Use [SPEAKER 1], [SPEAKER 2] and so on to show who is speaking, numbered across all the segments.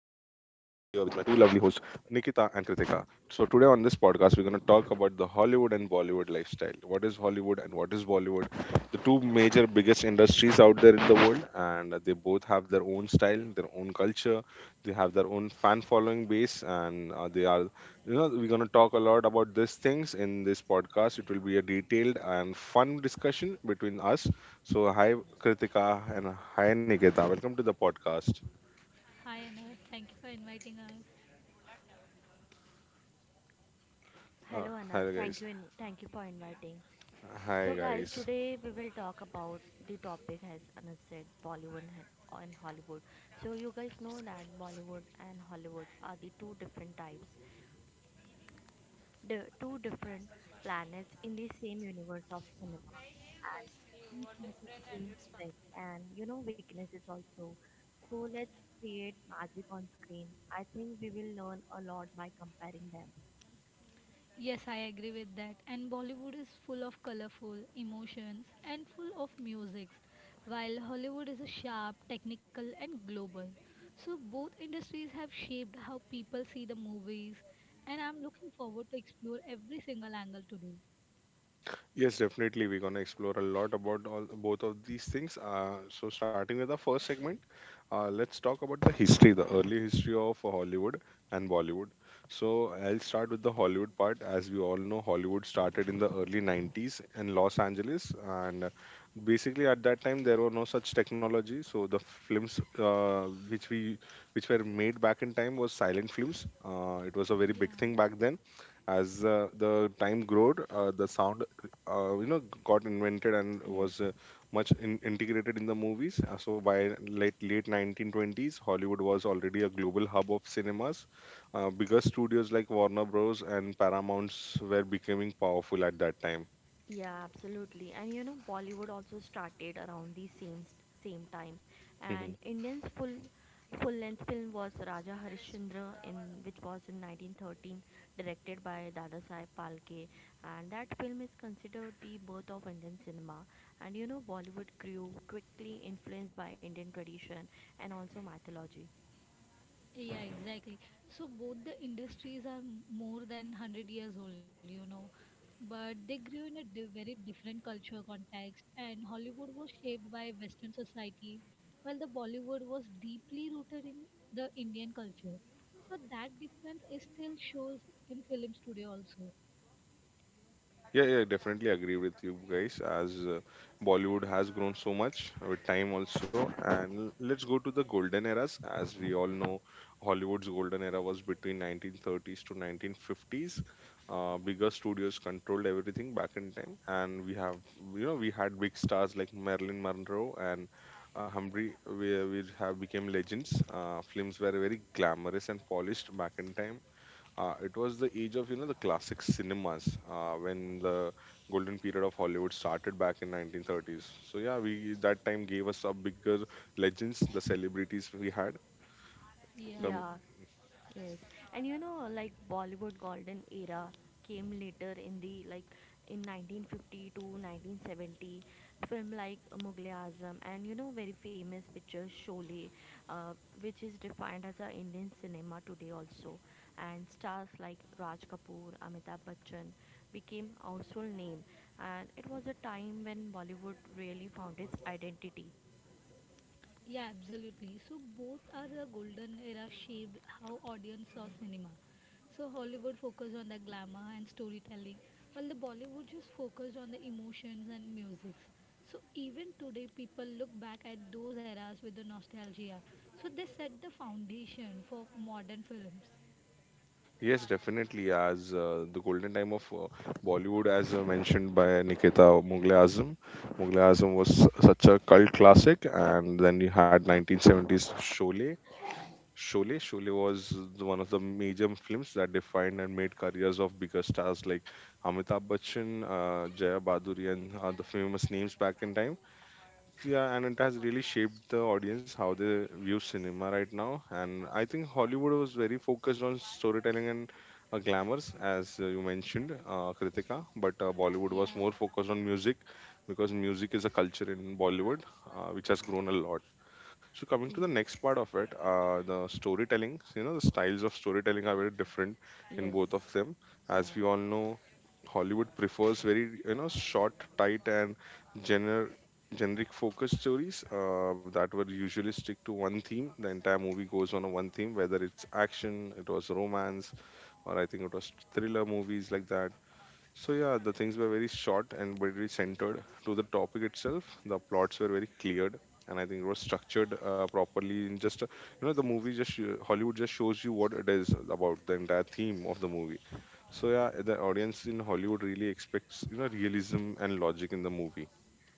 [SPEAKER 1] my two lovely hosts Nikita and Kritika. So today on this podcast we're going to talk about the Hollywood and Bollywood lifestyle. What is Hollywood and what is Bollywood? The two major biggest industries out there in the world, and they both have their own style, their own culture, they have their own fan following base, and they are we're going to talk a lot about these things in this podcast. It will be a detailed and fun discussion between us, so hi Kritika and hi Nikita. Welcome to the podcast.
[SPEAKER 2] Hi Anas, thank you for inviting us.
[SPEAKER 3] Hello
[SPEAKER 1] Hi
[SPEAKER 3] Anas, thank
[SPEAKER 1] guys.
[SPEAKER 3] you thank you for inviting. So
[SPEAKER 1] Hi
[SPEAKER 3] guys,
[SPEAKER 1] guys.
[SPEAKER 3] today we will talk about the topic as Anas said, Bollywood and Hollywood. So you guys know that Bollywood and Hollywood are the two different types, the two different planets in the same universe of cinema, and each has its own strength and weaknesses also. So let's create magic on screen. I think we will learn a lot by comparing them.
[SPEAKER 2] Yes, I agree with that. And Bollywood is full of colorful emotions and full of musics, while Hollywood is a sharp, technical, and global. So both industries have shaped how people see the movies, and I'm looking forward to explore every single angle today.
[SPEAKER 1] Yes, definitely. We're going to explore a lot about all both of these things. Starting with the first segment, let's talk about the history, the early history of Hollywood and Bollywood. So, I'll start with the Hollywood part. As we all know, Hollywood started in the early 90s in Los Angeles, and basically at that time there were no such technology. So, the films which we which were made back in time was silent films. It was a very
[SPEAKER 2] Yeah.
[SPEAKER 1] big thing back then. As the time growed, the sound got invented and
[SPEAKER 3] Yes.
[SPEAKER 1] was integrated in the movies. So by late 1920s, Hollywood was already a global hub of cinemas. Bigger studios like Warner Bros and Paramounts were becoming powerful at that time.
[SPEAKER 3] Yeah, absolutely. And you know, Bollywood also started around the same time. And Indian's full length film was Raja Harishchandra in which was in 1913, directed by Dadasaheb Phalke, and that film is considered the birth of Indian cinema. And you know, Bollywood grew quickly, influenced by Indian tradition and also mythology.
[SPEAKER 2] Yeah, exactly. So both the industries are more than 100 years old, you know, but they grew in a very different cultural context. And Hollywood was shaped by Western society, while the Bollywood was deeply rooted in the Indian culture. So that difference is still shows in film studio also.
[SPEAKER 1] Yeah, yeah, definitely agree with you guys. As Bollywood has grown so much with time also. And let's go to the golden eras. As we all know, Hollywood's golden era was between 1930s to 1950s. Bigger studios controlled everything back in time. And we have, you know, we had big stars like Marilyn Monroe and Humphrey, we have became legends. Films were very glamorous and polished back in time. It was the age of, you know, the classic cinemas, when the golden period of Hollywood started back in 1930s. So yeah, we that time gave us a bigger legends, the celebrities we had.
[SPEAKER 2] Yeah.
[SPEAKER 1] Come,
[SPEAKER 3] Yeah, yes. And you know, like Bollywood golden era came later in the like in 1950 to 1970. Film like Mughal e Azam and you know very famous picture Sholay, uh, which is defined as a Indian cinema today also. And stars like Raj Kapoor, Amitabh Bachchan became household name, and it was a time when Bollywood really found its identity.
[SPEAKER 2] Yeah, absolutely. So both are a golden era shaped how audience saw cinema. So Hollywood focused on the glamour and storytelling, while the Bollywood just focused on the emotions and music. So even today, people look back at those eras with the nostalgia. So they set the foundation for modern films.
[SPEAKER 1] yes, definitely. As the golden time of Bollywood, as mentioned by Nikita, Mughal e Azam. Mughal e Azam was such a cult classic, and then you had 1970s Sholay, Sholay. One of the major films that defined and made careers of bigger stars like Amitabh Bachchan, Jaya Bhaduri, and the famous names back in time. Yeah, and it has really shaped the audience how they view cinema right now. And I think Hollywood was very focused on storytelling and glamours, as you mentioned, Kritika. But Bollywood was
[SPEAKER 2] Yeah.
[SPEAKER 1] more focused on music, because music is a culture in Bollywood, which has grown a lot. So coming to the
[SPEAKER 3] Ye-
[SPEAKER 1] next part of it, the storytelling, you know, the styles of storytelling are very different in
[SPEAKER 3] yes.
[SPEAKER 1] both of them.
[SPEAKER 3] Yeah.
[SPEAKER 1] As we all know, Hollywood prefers very, you know, short, tight, and gener- generic focused stories that would usually stick to one theme. The entire movie goes on a one theme, whether it's action, it was romance, or I think it was thriller movies like that. So yeah, the things were very short and very centered to the topic itself. The plots were very cleared, and I think it was structured properly. In just you know, the movie just sh- Hollywood just shows you what it is about the entire theme of the movie. So yeah, the audience in Hollywood really expects, you know, realism and logic in the movie.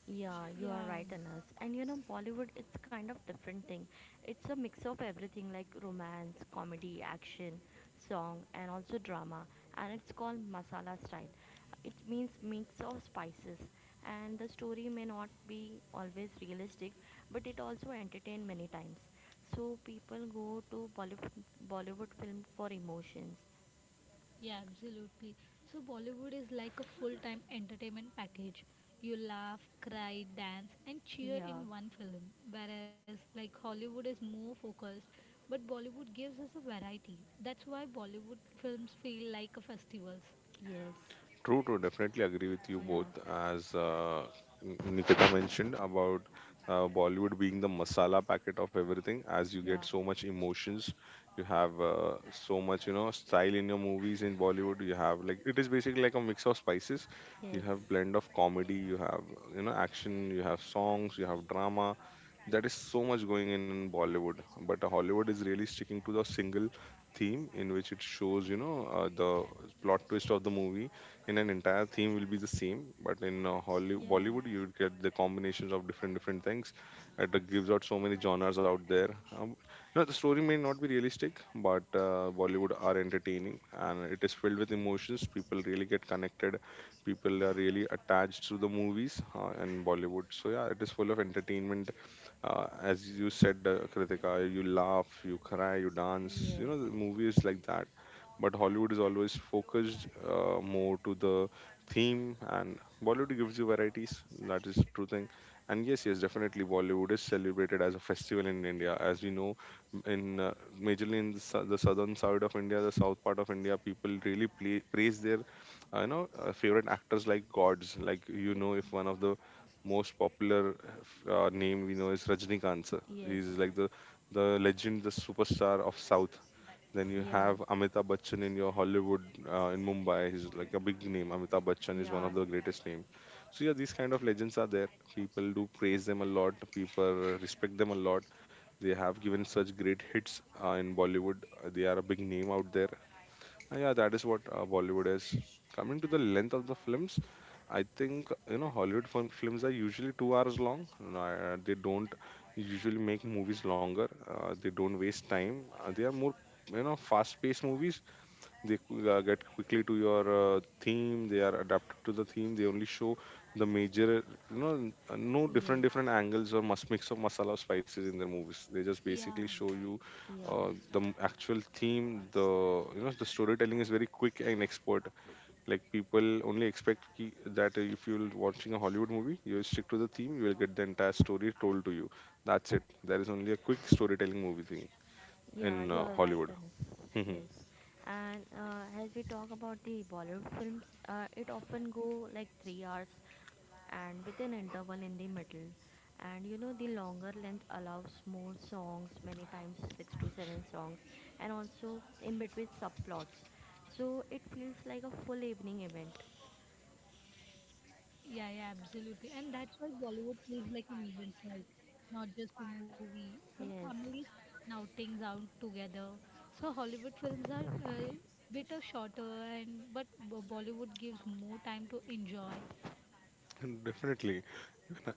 [SPEAKER 3] Yeah, you are
[SPEAKER 2] Yeah,
[SPEAKER 3] right, Anas. And you know, Bollywood, it's kind of different thing. It's a mix of everything like romance, comedy, action, song, and also drama. And it's called masala style. It means mix of spices. And the story may not be always realistic, but it also entertain many times. So people go to Bollywood film for emotions.
[SPEAKER 2] yeah, absolutely. So Bollywood is like a full-time entertainment package. You laugh, cry, dance, and cheer
[SPEAKER 3] Yeah.
[SPEAKER 2] in one film. Whereas like Hollywood is more focused, but Bollywood gives us a variety. That's why Bollywood films feel like a festivals.
[SPEAKER 3] Yes.
[SPEAKER 1] True, true. Definitely agree with you
[SPEAKER 3] Yeah.
[SPEAKER 1] both. As Nikita mentioned about Bollywood being the masala packet of everything, as you
[SPEAKER 3] Yeah.
[SPEAKER 1] get so much emotions, you have so much, you know, style in your movies in Bollywood. You have like, it is basically like a mix of spices. You
[SPEAKER 3] Yes.
[SPEAKER 1] have blend of comedy, you have, you know, action, you have songs, you have drama. That is so much going in Bollywood, but Hollywood is really sticking to the single theme in which it shows, you know, the plot twist of the movie in an entire theme will be the same. But in
[SPEAKER 2] Yeah.
[SPEAKER 1] Bollywood you would get the combinations of different different things. It gives out so many genres out there. um, Now the story may not be realistic, but Bollywood are entertaining and it is filled with emotions. People really get connected, people are really attached to the movies in Bollywood. So yeah, it is full of entertainment. As you said, Kritika, you laugh, you cry, you dance, you
[SPEAKER 3] Yes.
[SPEAKER 1] know, the movie is like that. But Hollywood is always focused more to the theme, and Bollywood gives you varieties. That is the true thing. And yes, yes, definitely, Bollywood is celebrated as a festival in India. As we know, in majorly in the, the southern side of India, the south part of India, people really play, praise their, you know, favorite actors like gods. Like, you know, if one of the most popular name we know is Rajnikant sir.
[SPEAKER 3] Yes.
[SPEAKER 1] He's like the legend, the superstar of South. Then you
[SPEAKER 3] Yeah.
[SPEAKER 1] have Amitabh Bachchan in your Hollywood, in Mumbai. He's like a big name. Amitabh Bachchan is one of
[SPEAKER 3] Yeah,
[SPEAKER 1] the greatest names. So yeah, these kind of legends are there. People do praise them a lot. People respect them a lot. They have given such great hits in Bollywood. They are a big name out there. Yeah, that is what Bollywood is. Coming to the length of the films, I think, you know, films are usually 2 hours long. No, they don't usually make movies longer. They don't waste time. They are more, you know, fast-paced movies. They get quickly to your theme. They are adapted to the theme, they only show the major, no different
[SPEAKER 3] yes,
[SPEAKER 1] different angles or must mix of masala or spices in their movies. They just
[SPEAKER 2] Yeah.
[SPEAKER 1] basically show you
[SPEAKER 3] yeah,
[SPEAKER 1] actual theme, the, you know, the storytelling is very quick and expert. Like, people only expect that if you're watching a Hollywood movie, you will stick to the theme, you will get the entire story told to you. That's it, there is only a quick storytelling movie thing in
[SPEAKER 3] yeah, you are right,
[SPEAKER 1] Hollywood.
[SPEAKER 3] Anas. Yes, and as we talk about the Bollywood films, it often go like 3 hours and with an interval in the middle. And you know, the longer length allows more songs, many times six to seven songs, and also in between subplots. So it feels like a full evening event.
[SPEAKER 2] Yeah, yeah, absolutely. And that's why Bollywood feels like an event, right? Not just a movie. And
[SPEAKER 3] Yes.
[SPEAKER 2] families plan outings out together. So Hollywood films are a bit of shorter, and but Bollywood gives more time to enjoy.
[SPEAKER 1] Definitely,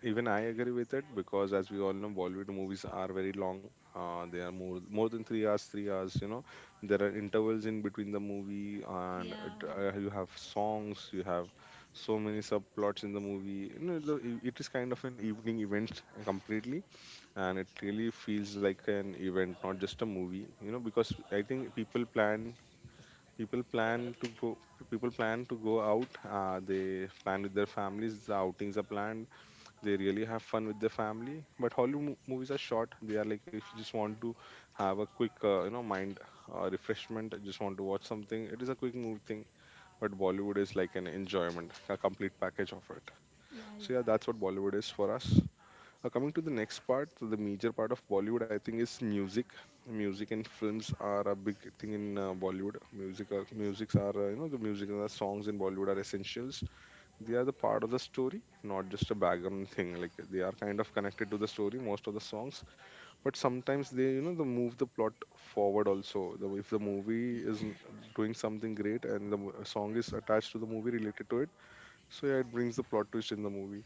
[SPEAKER 1] even I agree with it, because, as we all know, Bollywood movies are very long. They are more than 3 hours, 3 hours. You know, there are intervals in between the movie, and
[SPEAKER 2] Yeah,
[SPEAKER 1] it, you have songs, you have so many subplots in the movie. You know, it it is kind of an evening event completely, and it really feels like an event, not just a movie. You know, because I think people plan to go people plan to go out. They plan with their families, the outings are planned, they really have fun with their family. But Hollywood movies are short. They are like, if you just want to have a quick, you know, mind refreshment, just want to watch something. It is a quick movie thing. But Bollywood is like an enjoyment, a complete package of it.
[SPEAKER 2] yeah, yeah.
[SPEAKER 1] So yeah, that's what Bollywood is for us. Coming to the next part, so the major part of Bollywood, I think, is music. Music and films are a big thing in Bollywood. Music, are, musics are, You know, the music and the songs in Bollywood are essentials. They are the part of the story, not just a background thing. Like, they are kind of connected to the story, most of the songs, but sometimes they, you know, they move the plot forward also. If the movie is
[SPEAKER 2] yeah.
[SPEAKER 1] doing something great and the song is attached to the movie related to it, so yeah, it brings the plot twist in the movie.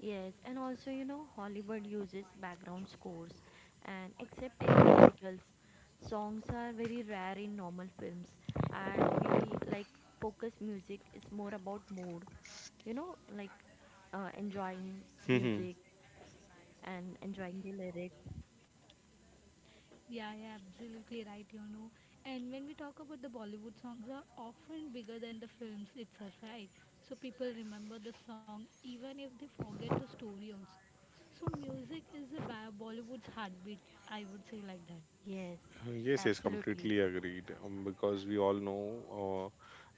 [SPEAKER 3] Yes, and also, you know, Hollywood uses background scores, and except in musicals, songs are very rare in normal films, and we like focus music is more about mood, you know, like enjoying
[SPEAKER 1] Hmm.
[SPEAKER 3] music and enjoying the lyrics.
[SPEAKER 2] Yeah, yeah, absolutely right, you know. And when we talk about the Bollywood songs are often bigger than the films itself, right? So people remember the song even if they forget the story also. So music is the Bollywood's heartbeat, I would say like that.
[SPEAKER 3] Yes,
[SPEAKER 1] Yes, yes,
[SPEAKER 3] absolutely.
[SPEAKER 1] completely agreed. Because we all know,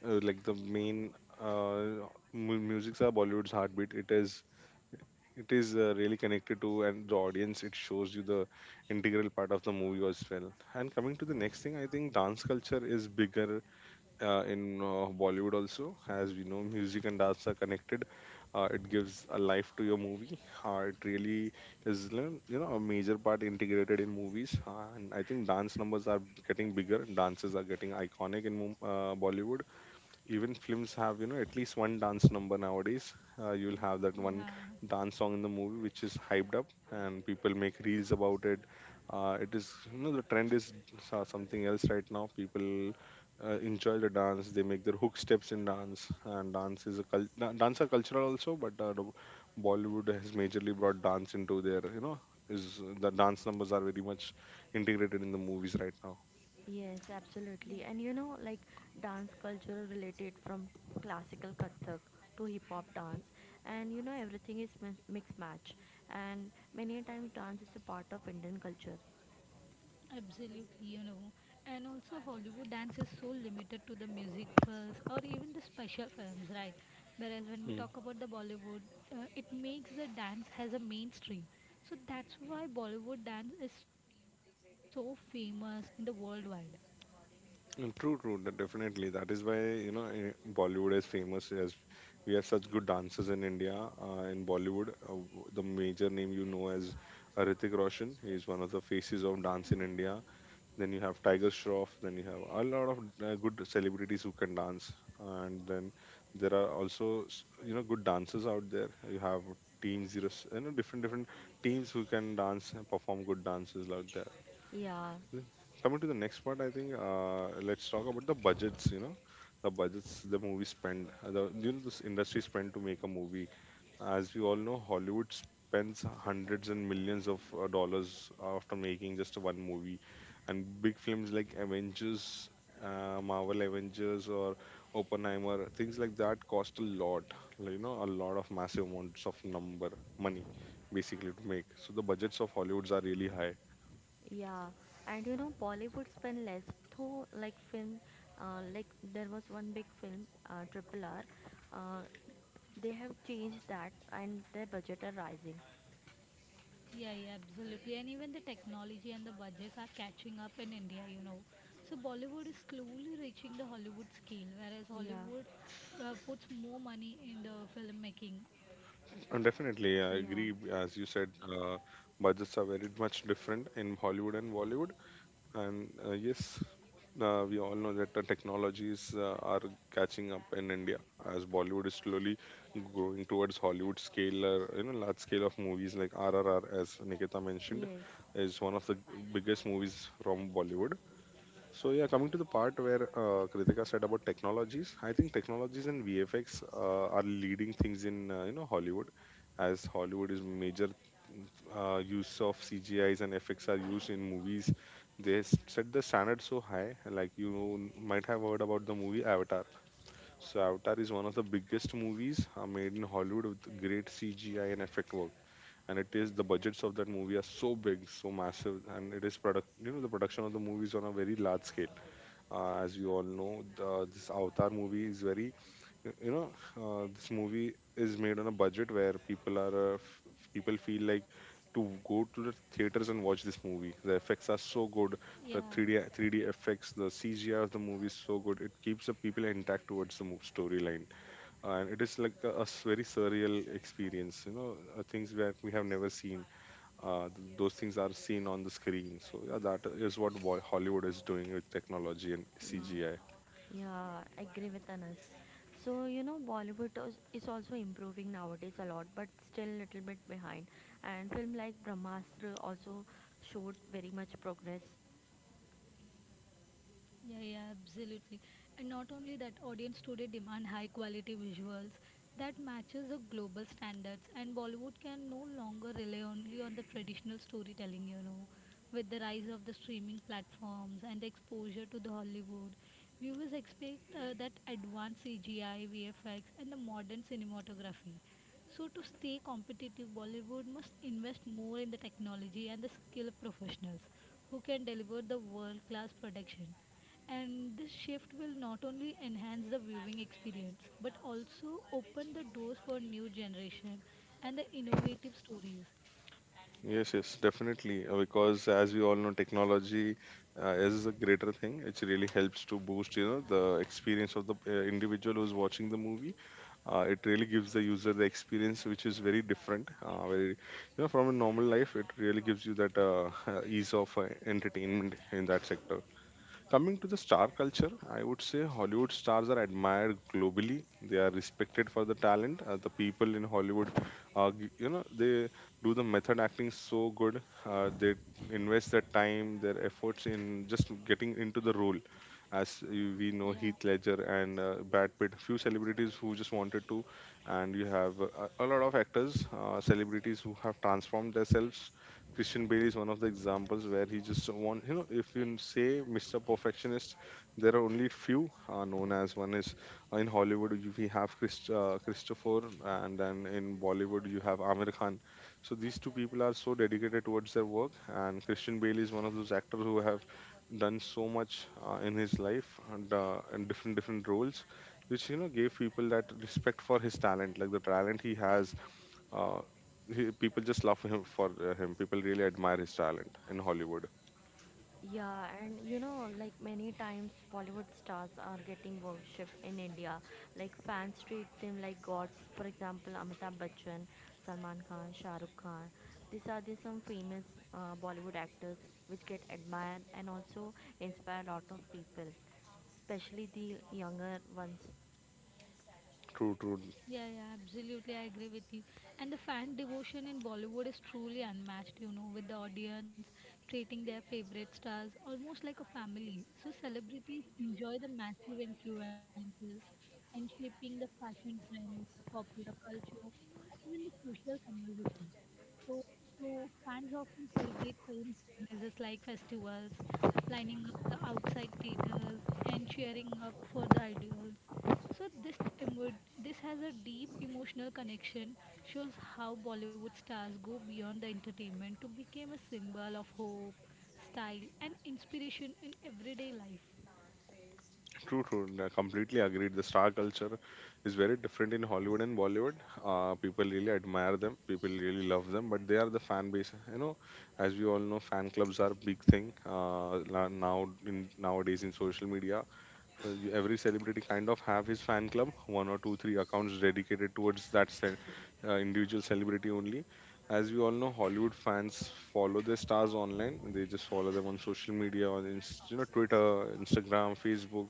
[SPEAKER 1] like the main uh, music's are Bollywood's heartbeat. It is really connected to and the audience it shows you the integral part of the movie as well. And coming to the next thing, I think dance culture is bigger in Bollywood also. As we know, music and dance are connected. It gives a life to your movie. It really is, you know, a major part integrated in movies. And I think dance numbers are getting bigger, dances are getting iconic in Bollywood. Even films have, you know, at least one dance number nowadays. You'll have that one
[SPEAKER 2] Yeah.
[SPEAKER 1] dance song in the movie which is hyped up, and people make reels about it. It is, you know, the trend is something else right now. People enjoy the dance, they make their hook steps in dance, and dance is a dance are cultural also. But the Bollywood has majorly brought dance into their, you know, is the dance numbers are very much integrated in the movies right now.
[SPEAKER 3] Yes,
[SPEAKER 2] Yeah.
[SPEAKER 3] absolutely. And you know, like dance culture related from classical Kathak to hip hop dance, and you know, everything is mix match. And many times, dance is a part of Indian culture.
[SPEAKER 2] Absolutely, you know. And also, Hollywood dance is so limited to the musicals or even the special films, right? Whereas when we talk about the Bollywood, it makes the dance has a mainstream. So that's why Bollywood dance is so famous in the worldwide.
[SPEAKER 1] Mm, true, true, definitely. That is why, you know, Bollywood is famous as we have such good dancers in India. In Bollywood, the major name, you know, as Hrithik Roshan. He is one of the faces of
[SPEAKER 2] Yeah,
[SPEAKER 1] dance in India. Then you have Tiger Shroff. Then you have a lot of good celebrities who can dance. And then there are also, you know, good dancers out there. You have Team Zero, you know, different different teams who can dance and perform good dances out there.
[SPEAKER 3] Yeah,
[SPEAKER 1] Then coming to the next part, I think let's talk about the budgets. You know, the budgets the movie spend, the, you know, this industry spend to make a movie. As we all know, Hollywood spends hundreds and millions of dollars after making just one movie, and big films like Avengers, Marvel Avengers or Oppenheimer, things like that cost a lot. Like, you know, a lot of massive amounts of number money, basically, to make. So the budgets of Hollywoods are really high.
[SPEAKER 3] yeah. And you know, Bollywood spend less, though, like film, like there was one big film, Triple R, uh, they have changed that, and their budget are rising.
[SPEAKER 2] yeah, absolutely. And even the technology and the budgets are catching up in India, you know. So Bollywood is slowly reaching the Hollywood scale, whereas
[SPEAKER 3] Yeah,
[SPEAKER 2] Hollywood puts more money in the filmmaking.
[SPEAKER 1] Definitely, I
[SPEAKER 3] yeah,
[SPEAKER 1] agree. As you said, budgets are very much different in Hollywood and Bollywood. And yes, we all know that the technologies are catching up in India as Bollywood is slowly growing towards Hollywood scale, you know, large scale of movies like RRR, as Nikita mentioned,
[SPEAKER 3] yes,
[SPEAKER 1] is one of the biggest movies from Bollywood. So yeah, coming to the part where Kritika said about technologies, I think technologies and VFX are leading things in you know Hollywood, as Hollywood is major use of CGIs and effects are used in movies. They set the standard so high, like you might have heard about the movie Avatar. So Avatar is one of the biggest movies made in Hollywood with great CGI and effect work. And it is the budgets of that movie are so big, so massive, and it is product. You know, the production of the movie is on a very large scale. As you all know, the, this Avatar movie is very, you know, this movie is made on a budget where people are, people feel like to go to the theaters and watch this movie. The effects are so good. The
[SPEAKER 2] Yeah,
[SPEAKER 1] 3D, 3D effects, the CGI of the movie is so good. It keeps the people intact towards the storyline, and it is like a, a very surreal experience, you know. Things that we have never seen, those things are seen on the screen. So yeah, that is what Hollywood is doing with technology and
[SPEAKER 3] yes.
[SPEAKER 1] CGI.
[SPEAKER 3] Yeah, I agree with Anas. So you know Bollywood is also improving nowadays a lot, but still little bit behind. And film like Brahmastra also showed very much progress.
[SPEAKER 2] yeah, yeah, absolutely. And not only that, audience today demand high quality visuals that matches the global standards and Bollywood can no longer rely only on the traditional storytelling, you know. With the rise of the streaming platforms and the exposure to the Hollywood, viewers expect that advanced CGI, VFX and the modern cinematography. So, to stay competitive, Bollywood must invest more in the technology and the skilled professionals who can deliver the world class production. And this shift will not only enhance the viewing experience but also open the doors for new generation and the innovative stories.
[SPEAKER 1] Yes, yes, definitely. Because as we all know, technology is a greater thing. It really helps to boost, you know, the experience of the individual who's watching the movie. It really gives the user the experience, which is very different. Very, you know, from a normal life, it really gives you that ease of entertainment in that sector. Coming to the star culture, I would say Hollywood stars are admired globally. They are respected for the talent. The people in Hollywood, you know, they do the method acting so good. They invest their time, their efforts in just getting into the role. As we know,
[SPEAKER 2] Yeah.
[SPEAKER 1] Heath Ledger and Brad Pitt, few celebrities who just wanted to, and you have a lot of actors, celebrities who have transformed themselves. Christian Bale is one of the examples where he just want, you know, if you say Mr. Perfectionist, there are only few known as one is in Hollywood we have Chris, Christopher, and then in Bollywood you have Amir Khan. So these two people are so dedicated towards their work, and Christian Bale is one of those actors who have done so much in his life and in different different roles which, you know, gave people that respect for his talent like the talent he has. uh, People just love him for him. People really admire his talent in Hollywood.
[SPEAKER 3] Yeah, and you know, like many times Bollywood stars are getting worship in India. Like fans treat them like gods. For example, Amitabh Bachchan, Salman Khan, Shah Rukh Khan. These are the some famous Bollywood actors which get admired and also inspire a lot of people, especially the younger ones.
[SPEAKER 1] True, true,
[SPEAKER 2] Yeah, yeah, absolutely. I agree with you. And the fan devotion in Bollywood is truly unmatched, you know, with the audience treating their favorite stars almost like a family. So celebrities enjoy the massive influences and shaping the fashion trends, popular culture, and even the social conversation. So, so fans often celebrate film releases like festivals, lining up the outside theaters, and cheering up for the idols. So this this has a deep emotional connection. Shows how Bollywood stars go beyond the entertainment to become a symbol of hope, style, and inspiration in everyday life.
[SPEAKER 1] true, true. I completely agreed. The star culture is very different in Hollywood and Bollywood. People really admire them. People really love them, but they are the fan base. You know, as we all know, fan clubs are a big thing now in nowadays in social media. You- every celebrity kind of have his fan club, one or two three accounts dedicated towards that individual celebrity only. As we all know, Hollywood fans follow their stars online, they just follow them on social media on you know, Twitter, Instagram, Facebook,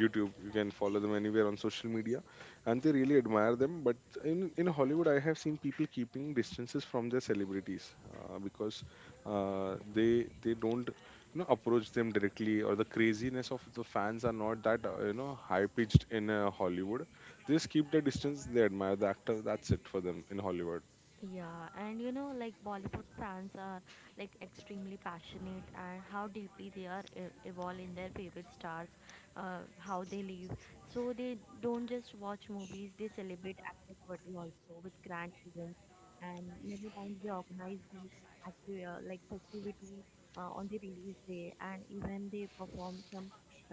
[SPEAKER 1] YouTube. You can follow them anywhere on social media, and they really admire them. But in Hollywood, I have seen people keeping distances from their celebrities because uh, they they don't, you know, approach them directly, or the craziness of the fans are not that you know, high pitched in Hollywood. They just keep their distance, they admire the actor, that's it for them in Hollywood.
[SPEAKER 3] Yeah, and you know, like Bollywood fans are like extremely passionate and how deeply they are evolved in their favorite stars, how they live. So they don't just watch movies; they celebrate actors' birthday also with grand events. And many times they organize the active like festivity on the release day, and even they perform some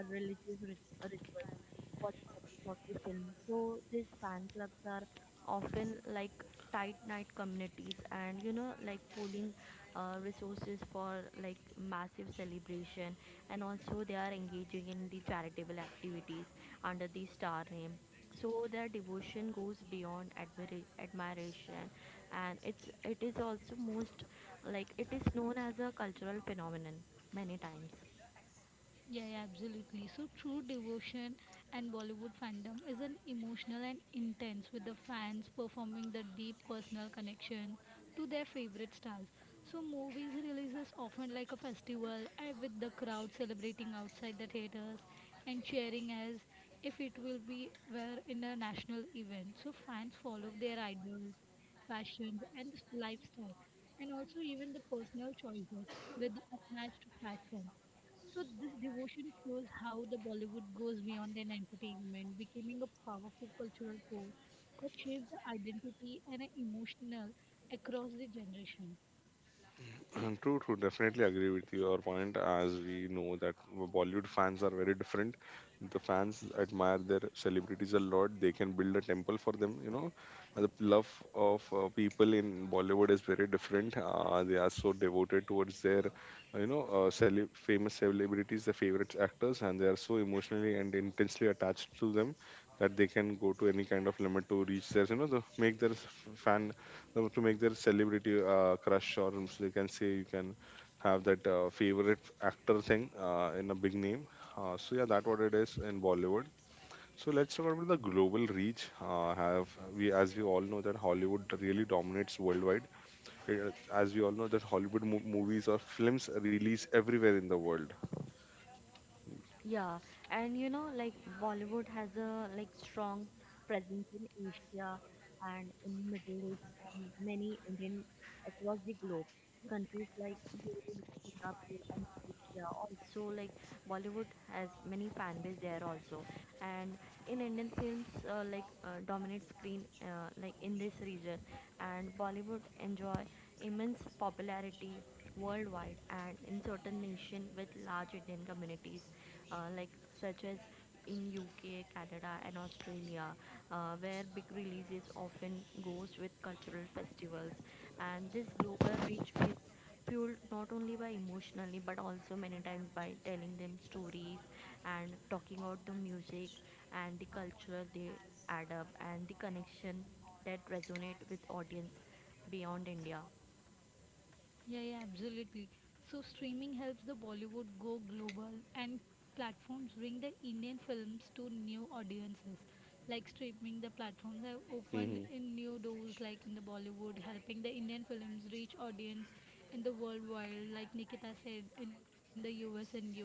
[SPEAKER 3] religious rituals for the success of the film. So these fan clubs are often like tight knit communities, and you know, like pooling resources for like massive celebration, and also they are engaging in the charitable activities under the star name. So their devotion goes beyond admiration, and it is also most like it is known as a cultural phenomenon many times.
[SPEAKER 2] Yeah, yeah, absolutely. So, true devotion and Bollywood fandom is an emotional and intense with the fans performing the deep personal connection to their favorite stars. So, movies releases often like a festival and with the crowd celebrating outside the theaters and cheering as if it will be were in a national event. So, fans follow their idols, fashions and lifestyle, and also even the personal choices with the unmatched passion. So this devotion shows how the Bollywood goes beyond an entertainment, becoming a powerful cultural force that shapes the identity and an emotional across the generation.
[SPEAKER 1] True, true. Definitely agree with your point. As we know that Bollywood fans are very different. The fans admire their celebrities a lot. They can build a temple for them. You know, the love of people in Bollywood is very different. They are so devoted towards their, you know, famous celebrities, the favorite actors, and they are so emotionally and intensely attached to them that they can go to any kind of limit to reach their, you know, the make their fan know, to make their celebrity crush or so you can say, you can have that favorite actor thing in a big name. So yeah, that what it is in Bollywood. So let's talk about the global reach. Have We, as we all know that Hollywood really dominates worldwide. Uh, as we all know that Hollywood movies or films release everywhere in the world.
[SPEAKER 3] Yeah, and you know, like Bollywood has a like strong presence in Asia and in Middle East and many Indian across the globe. Countries like UAE, Singapore, and Malaysia also like Bollywood has many fan base there also. And in Indian films, like dominate screen like in this region, and Bollywood enjoy immense popularity worldwide and in certain nation with large Indian communities, like such as in UK, Canada, and Australia, where big releases often goes with cultural festivals, and this global reach is fueled not only by emotionally but also many times by telling them stories and talking about the music and the culture they add up and the connection that resonate with audience beyond India.
[SPEAKER 2] Yeah, yeah, absolutely. So streaming helps the Bollywood go global and platforms bring the Indian films to new audiences. Like streaming the platforms have opened
[SPEAKER 1] Hmm.
[SPEAKER 2] in new doors like in the Bollywood, helping the Indian films reach audience in the worldwide, like Nikita said, in the US and UK.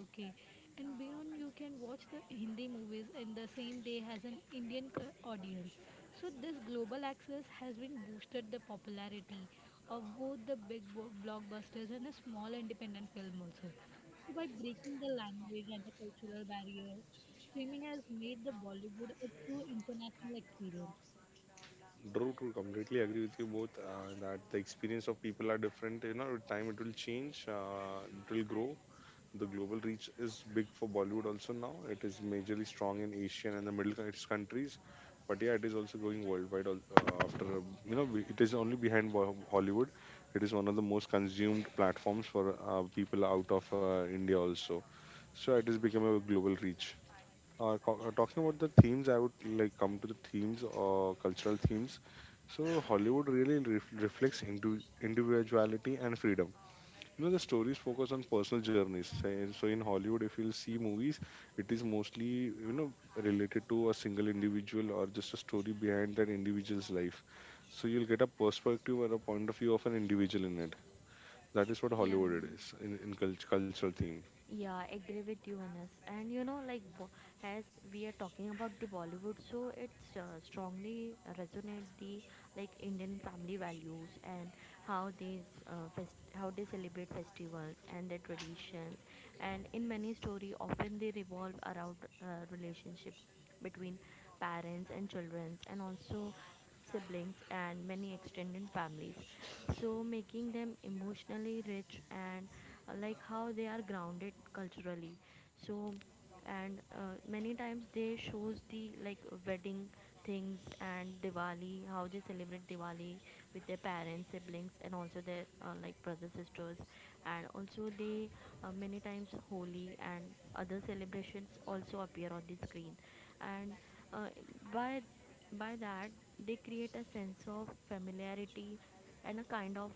[SPEAKER 2] And beyond you can watch the Hindi movies in the same day as an Indian audience. So this global access has been boosted the popularity of both the big blockbusters and the small independent film also. So by breaking the language and the cultural barrier, streaming has made the Bollywood a true international experience.
[SPEAKER 1] True, true. Completely agree with you both that the experience of people are different. You know, with time it will change, it will grow. The global reach is big for Bollywood also now. It is majorly strong in Asian and the Middle East countries, but yeah, it is also going worldwide. Al- after You know, it is only behind Hollywood. It is one of the most consumed platforms for people out of India also. So it has become a global reach. Talking about the themes, I would like come to the themes or cultural themes. So Hollywood really reflects into individuality and freedom. You know, the stories focus on personal journeys. So in Hollywood, if you'll see movies, it is mostly, you know, related to a single individual or just a story behind that individual's life. So you'll get a perspective or a point of view of an individual in it. That is what
[SPEAKER 2] Yeah.
[SPEAKER 1] Hollywood it is in, in cultural theme.
[SPEAKER 3] Yeah, I agree with you, Anas. And you know, like as we are talking about the Bollywood, so it's strongly resonate the like Indian family values and how they how they celebrate festivals and their traditions. And in many story, often they revolve around relationship between parents and children, and also siblings, and many extended families. So, making them emotionally rich and like how they are grounded culturally. So, and many times they shows the like wedding things and Diwali, how they celebrate Diwali with their parents, siblings, and also their like brothers, sisters, and also they many times Holi and other celebrations also appear on the screen, and uh, by by that they create a sense of familiarity and a kind of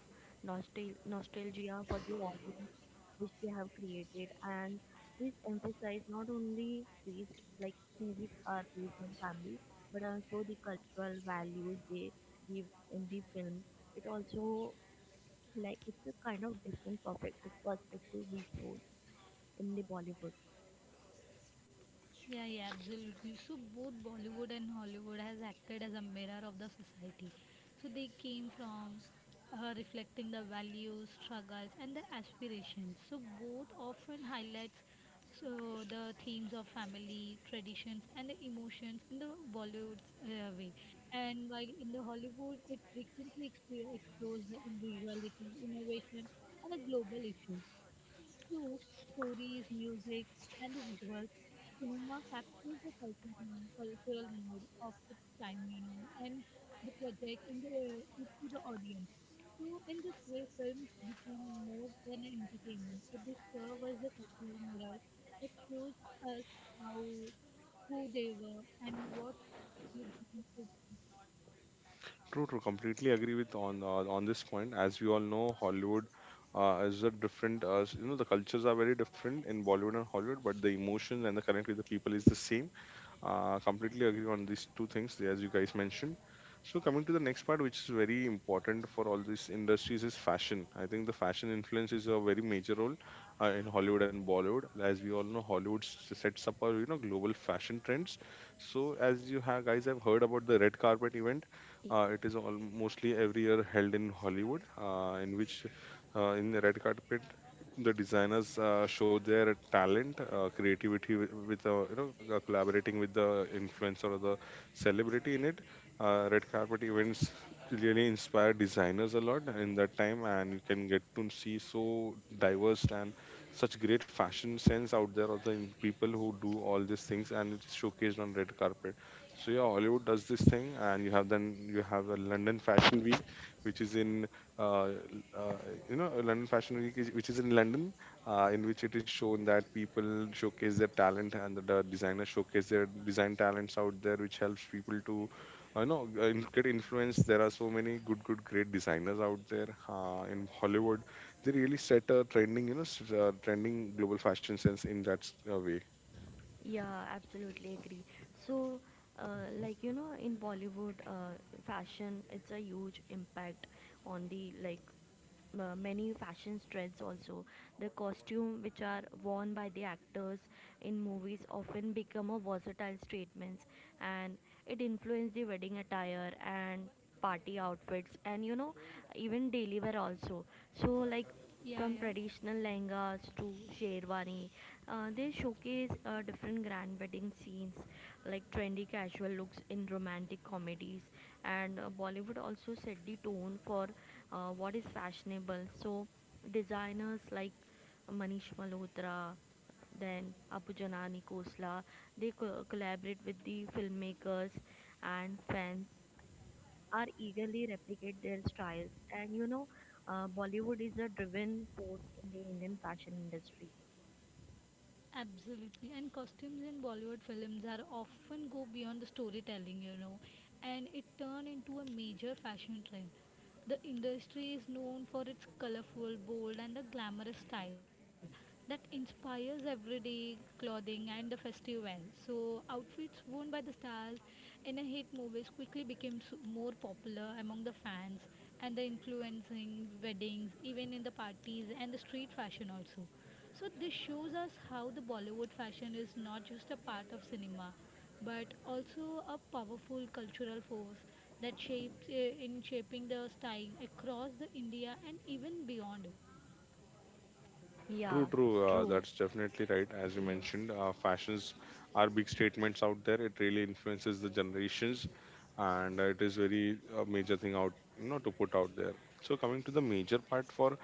[SPEAKER 3] nostalgia for the audience which they have created. And this emphasize not only based like movies are based on family, but also the cultural values they give in the film. It also like it's a kind of different perfect perspective we show in the Bollywood.
[SPEAKER 2] Yeah, yeah, absolutely. So both Bollywood and Hollywood has acted as a mirror of the society. So they came from reflecting the values, struggles, and the aspirations. So both often highlights so the themes of family, traditions, and the emotions in the Bollywood way. And while in the Hollywood, it frequently explores the individuality, innovation, and a global issue through stories, music, and the visuals cinema captures the culture, mm, cultural mood of its time, you know, and the project and the, it to the audience. So in this way, films became more than an entertainment. So they serve as a cultural mirror that shows us how who they were and what they did to.
[SPEAKER 1] True, true. Completely agree with on this point. As we all know, Hollywood is a different. You know, the cultures are very different in Bollywood and Hollywood, but the emotions and the connect with the people is the same. Completely agree on these two things as you guys mentioned. So coming to the next part, which is very important for all these industries, is fashion. I think the fashion influence is a very major role in Hollywood and Bollywood. As we all know, Hollywood sets up our, you know, global fashion trends. So as you have guys have heard about the red carpet event, it is all mostly every year held in Hollywood, in which in the red carpet the designers show their talent, creativity with, you know, collaborating with the influencer or the celebrity in it. Red carpet events really inspire designers a lot in that time, and you can get to see so diverse and such great fashion sense out there of the people who do all these things, and it's showcased on red carpet. So yeah, Hollywood does this thing, and you have then you have a London Fashion Week, which is in uh, uh, you know, London Fashion Week, is, which is in London, in which it is shown that people showcase their talent, and the designers showcase their design talents out there, which helps people to, you know, get influenced. There are so many great designers out there in Hollywood. They really set a trending, you know, trending global fashion sense in that way.
[SPEAKER 3] Yeah, absolutely agree. So, like you know, in Bollywood, fashion it's a huge impact on the like many fashion trends also the costume which are worn by the actors in movies often become a versatile statements, and it influenced the wedding attire and party outfits, and you know even daily wear also. So like
[SPEAKER 2] Yeah,
[SPEAKER 3] from
[SPEAKER 2] yeah.
[SPEAKER 3] traditional lehengas to sherwani. They showcase different grand wedding scenes like trendy casual looks in romantic comedies, and Bollywood also set the tone for what is fashionable. So designers like Manish Malhotra, then Abu Janani Khosla, they collaborate with the filmmakers, and fans are eagerly replicate their styles. And you know, Bollywood is a driven force in the Indian fashion industry.
[SPEAKER 2] Absolutely. And costumes in Bollywood films are often go beyond the storytelling, you know, and it turn into a major fashion trend. The industry is known for its colorful, bold, and the glamorous style that inspires everyday clothing and the festive wear. So, outfits worn by the stars in a hit movies quickly became more popular among the fans and the influencing weddings, even in the parties and the street fashion also. So this shows us how the Bollywood fashion is not just a part of cinema, but also a powerful cultural force that shapes in shaping the style across the India and even beyond it.
[SPEAKER 1] True,
[SPEAKER 3] Yeah,
[SPEAKER 1] true.
[SPEAKER 3] true.
[SPEAKER 1] That's definitely right. As you
[SPEAKER 3] Yes.
[SPEAKER 1] mentioned, fashions are big statements out there. It really influences the generations, and it is very major thing out, you know, to put out there. So coming to the major part for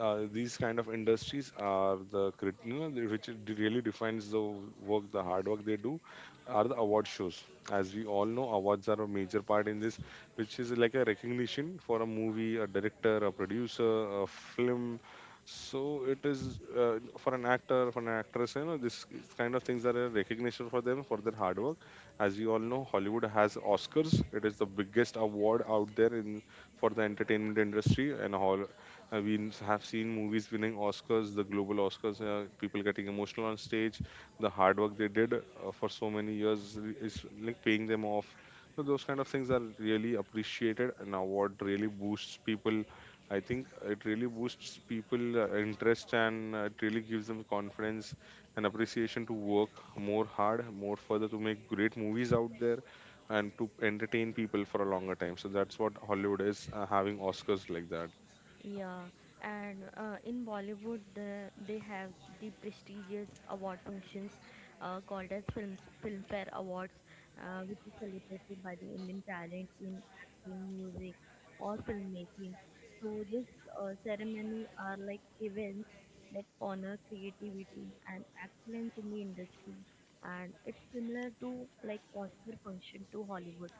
[SPEAKER 1] these kind of industries are the which it really defines the work, the hard work they do, are the award shows. As we all know, awards are a major part in this, which is like a recognition for a movie, a director, a producer, a film. So it is for an actor, for an actress, you know, this kind of things are a recognition for them for their hard work. As you all know, Hollywood has Oscars. It is the biggest award out there in for the entertainment industry, and all have seen movies winning Oscars, the global Oscars. People getting emotional on stage. The hard work they did for so many years is like paying them off. So those kind of things are really appreciated, and award really boosts people. I think it really boosts people interest, and it really gives them confidence and appreciation to work more hard, more further to make great movies out there and to entertain people for a longer time. So that's what Hollywood is having Oscars like that.
[SPEAKER 3] Yeah, and in Bollywood, the, they have the prestigious award functions called as films, Filmfare Awards, which is celebrated by the Indian talent in acting, music, or filmmaking. So this ceremony are like events that honor creativity and excellence in the industry, and it's similar to like Oscar function to Hollywood.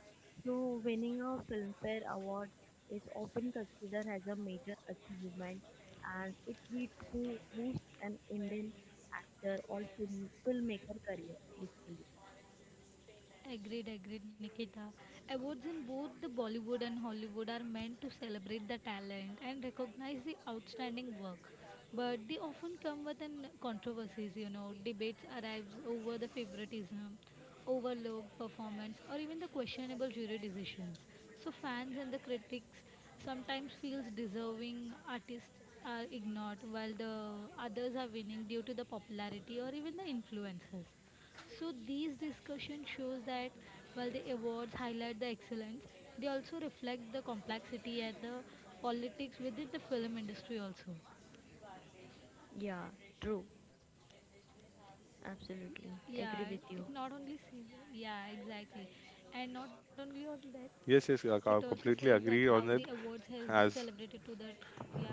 [SPEAKER 3] So winning a Filmfare Award is often considered as a major achievement, and it leads to boost an Indian actor or film, filmmaker career basically.
[SPEAKER 2] Agreed, agreed, Nikita. Awards in both the Bollywood and Hollywood are meant to celebrate the talent and recognize the outstanding work. But they often come with an controversies, you know, debates arise over the favoritism, overlooked performance, or even the questionable jury decisions. So fans and the critics sometimes feels deserving artists are ignored while the others are winning due to the popularity or even the influences. So these discussion shows that while the awards highlight the excellence, they also reflect the complexity and the politics within the film industry also.
[SPEAKER 3] Yeah, true. Absolutely.
[SPEAKER 2] Yeah,
[SPEAKER 3] Agree with
[SPEAKER 2] it
[SPEAKER 3] you.
[SPEAKER 2] not only says yeah, exactly. And not only on that,
[SPEAKER 1] Yes, yes,
[SPEAKER 2] it
[SPEAKER 1] I
[SPEAKER 2] also says
[SPEAKER 1] completely
[SPEAKER 2] that how
[SPEAKER 1] agree
[SPEAKER 2] the
[SPEAKER 1] on that.
[SPEAKER 2] awards has been
[SPEAKER 1] As
[SPEAKER 2] celebrated to the yeah,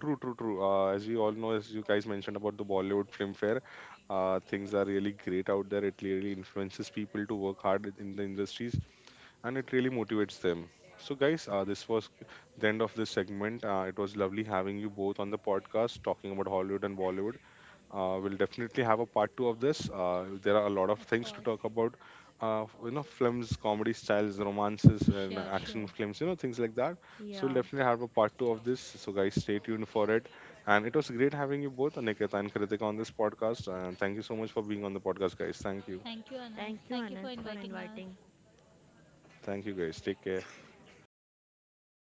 [SPEAKER 1] True, true, true. As we all know, as you guys mentioned about the Bollywood Filmfare, things are really great out there. It really influences people to work hard in the industries, and it really motivates them. So, guys, this was the end of this segment. It was lovely having you both on the podcast talking about Hollywood and Bollywood. We'll definitely have a part two of this. There are a lot of
[SPEAKER 2] of
[SPEAKER 1] things to
[SPEAKER 2] course.
[SPEAKER 1] talk about. You know, films, comedy styles, romances, and
[SPEAKER 2] Sure, sure.
[SPEAKER 1] action films. You know, things like that. So we'll
[SPEAKER 3] Yeah.
[SPEAKER 1] definitely have a part two of this. So guys, stay tuned for it. And it was great having you both, Aniket and Kritika, on this podcast. And thank you so much for being on the podcast, guys.
[SPEAKER 2] Thank you, Anas.
[SPEAKER 3] Thank you,
[SPEAKER 2] Thank you
[SPEAKER 3] Anas,
[SPEAKER 2] for
[SPEAKER 3] for
[SPEAKER 2] inviting us.
[SPEAKER 3] inviting.
[SPEAKER 1] Thank you, guys. Take care.